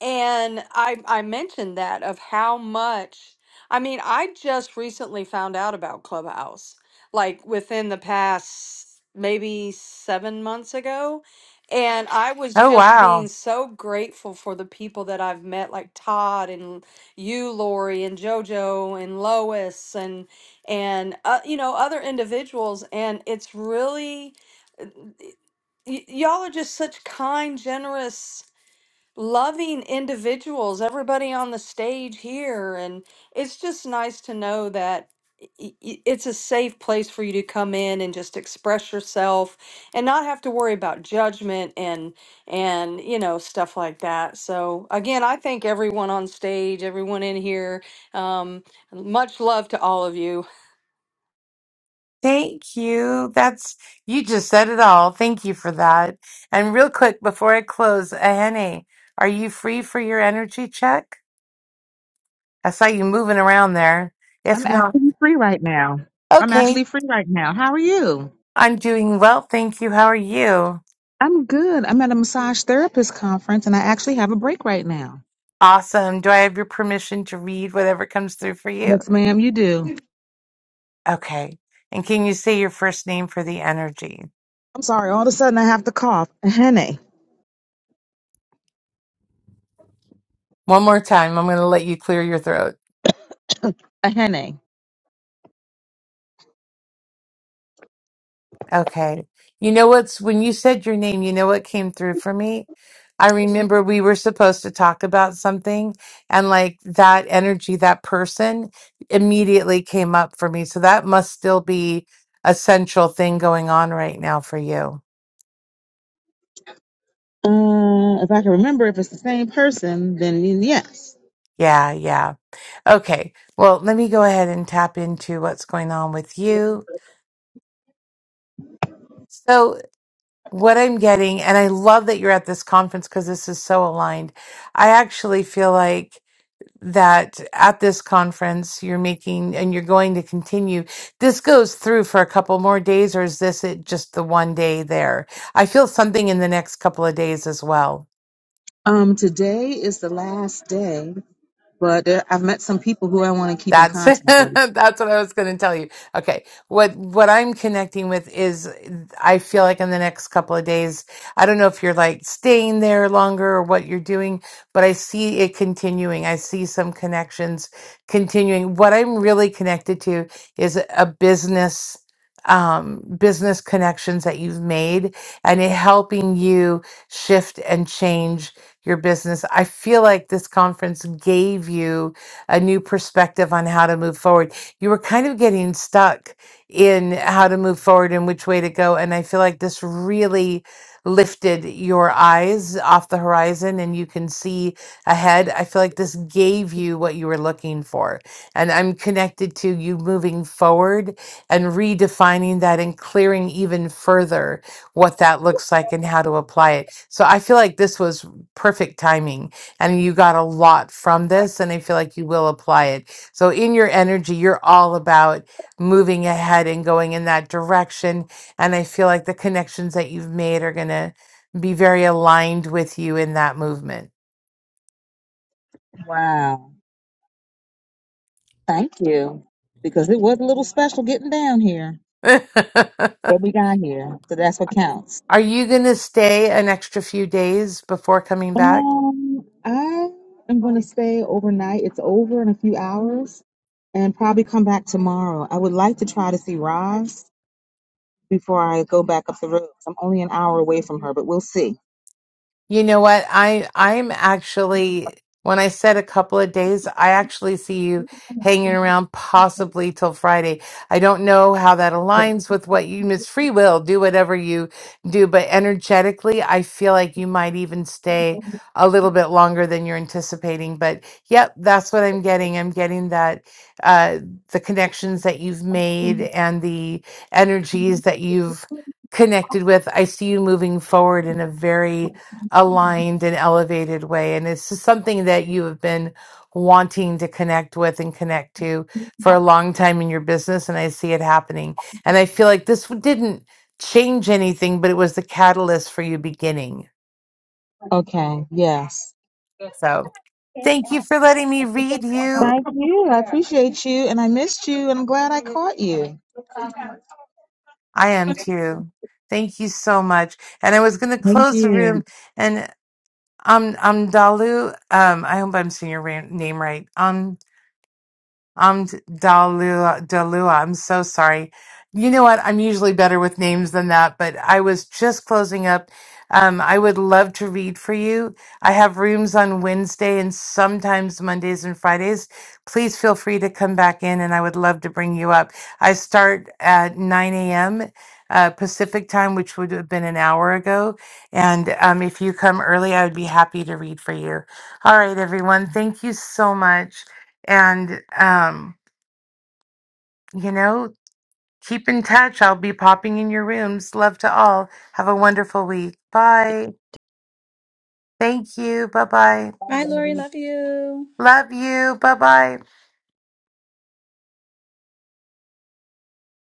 Speaker 8: and I I mentioned that of how much I mean, I just recently found out about Clubhouse, like within the past maybe seven months ago. And I was
Speaker 1: oh
Speaker 8: just
Speaker 1: wow
Speaker 8: being so grateful for the people that I've met, like Todd and you, Lori, and JoJo and Lois and uh, you know other individuals and it's really y- y'all are just such kind generous loving individuals, everybody on the stage here. And it's just nice to know that i- i- it's a safe place for you to come in and just express yourself and not have to worry about judgment and and you know stuff like that so again i thank everyone on stage everyone in here um, much love to all of you
Speaker 1: Thank you. That's you just said it all. Thank you for that. And real quick before I close, Ahene, are you free for your energy check? I saw you moving around there. If
Speaker 9: I'm
Speaker 1: not,
Speaker 9: actually free right now. I'm
Speaker 1: okay.
Speaker 9: actually free right now. How are you?
Speaker 1: I'm doing well. Thank you. How are you?
Speaker 9: I'm good. I'm at a massage therapist conference and I actually have a break right now.
Speaker 1: Awesome. Do I have your permission to read whatever comes through for you?
Speaker 9: Yes, ma'am, you do.
Speaker 1: Okay. And can you say your first name for the energy?
Speaker 9: I'm sorry. All of a sudden I have to cough. A henne.
Speaker 1: One more time. I'm going to let you clear your throat.
Speaker 9: A henne.
Speaker 1: Okay. You know what's when you said your name, you know what came through for me? I remember we were supposed to talk about something and like that energy, that person immediately came up for me. So that must still be a central thing going on right now for you.
Speaker 9: Uh, if I can remember, if it's the same person, then yes.
Speaker 1: Yeah, yeah. Okay. Well, let me go ahead and tap into what's going on with you. So what I'm getting, and I love that you're at this conference because this is so aligned. I actually feel like that at this conference you're making and you're going to continue this goes through for a couple more days or is this it just the one day there i feel something in the next couple of days as well
Speaker 9: Um, today is the last day, but uh, I've met some people who I want to keep in
Speaker 1: That's
Speaker 9: contact with.
Speaker 1: that's what I was going to tell you. Okay. What what I'm connecting with is I feel like in the next couple of days, I don't know if you're like staying there longer or what you're doing, but I see it continuing. I see some connections continuing. What I'm really connected to is a business um business connections that you've made and it helping you shift and change your business. I feel like this conference gave you a new perspective on how to move forward. You were kind of getting stuck in how to move forward and which way to go. And I feel like this really lifted your eyes off the horizon and you can see ahead. I feel like this gave you what you were looking for. And I'm connected to you moving forward and redefining that and clearing even further what that looks like and how to apply it. So I feel like this was perfect timing and you got a lot from this and i feel like you will apply it so in your energy you're all about moving ahead and going in that direction and i feel like the connections that you've made are going to be very aligned with you in that movement
Speaker 9: Wow. Thank you. Because it was a little special getting down here.
Speaker 1: are
Speaker 9: What we got here. So that's what counts.
Speaker 1: you going to stay an extra few days before coming back
Speaker 9: Um, I am going to stay overnight. It's over in a few hours and probably come back tomorrow. I would like to try to see Roz before I go back up the road. I'm only an hour away from her, but we'll see.
Speaker 1: You know what? I I'm actually when I said a couple of days, I actually see you hanging around possibly till Friday. I don't know how that aligns with what you miss free will, do whatever you do, but energetically, I feel like you might even stay a little bit longer than you're anticipating. But yep, that's what I'm getting. I'm getting that uh the connections that you've made and the energies that you've connected with. I see you moving forward in a very aligned and elevated way. And it's just something that you have been wanting to connect with and connect to for a long time in your business. And I see it happening. And I feel like this w- didn't change anything, but it was the catalyst for you beginning.
Speaker 9: Okay, yes.
Speaker 1: So thank you for letting me read you.
Speaker 9: Thank you. I appreciate you and I missed you and I'm glad I caught you.
Speaker 1: I am too. Thank you so much. And I was going to
Speaker 9: Thank
Speaker 1: close the
Speaker 9: you.
Speaker 1: room and um, um, Dalu, um, I hope I'm saying your ra- name right. um, I'm Dalua. Dalua. I'm so sorry. You know what? I'm usually better with names than that, but I was just closing up. Um, I would love to read for you. I have rooms on Wednesday and sometimes Mondays and Fridays. Please feel free to come back in, and I would love to bring you up. I start at 9 a.m. Uh, Pacific time, which would have been an hour ago. And um, if you come early, I would be happy to read for you. All right, everyone. Thank you so much. And, um, you know, keep in touch. I'll be popping in your rooms. Love to all. Have a wonderful week. Bye. Thank you. Bye bye.
Speaker 2: Bye, Lori. Love you.
Speaker 1: Love you. Bye bye.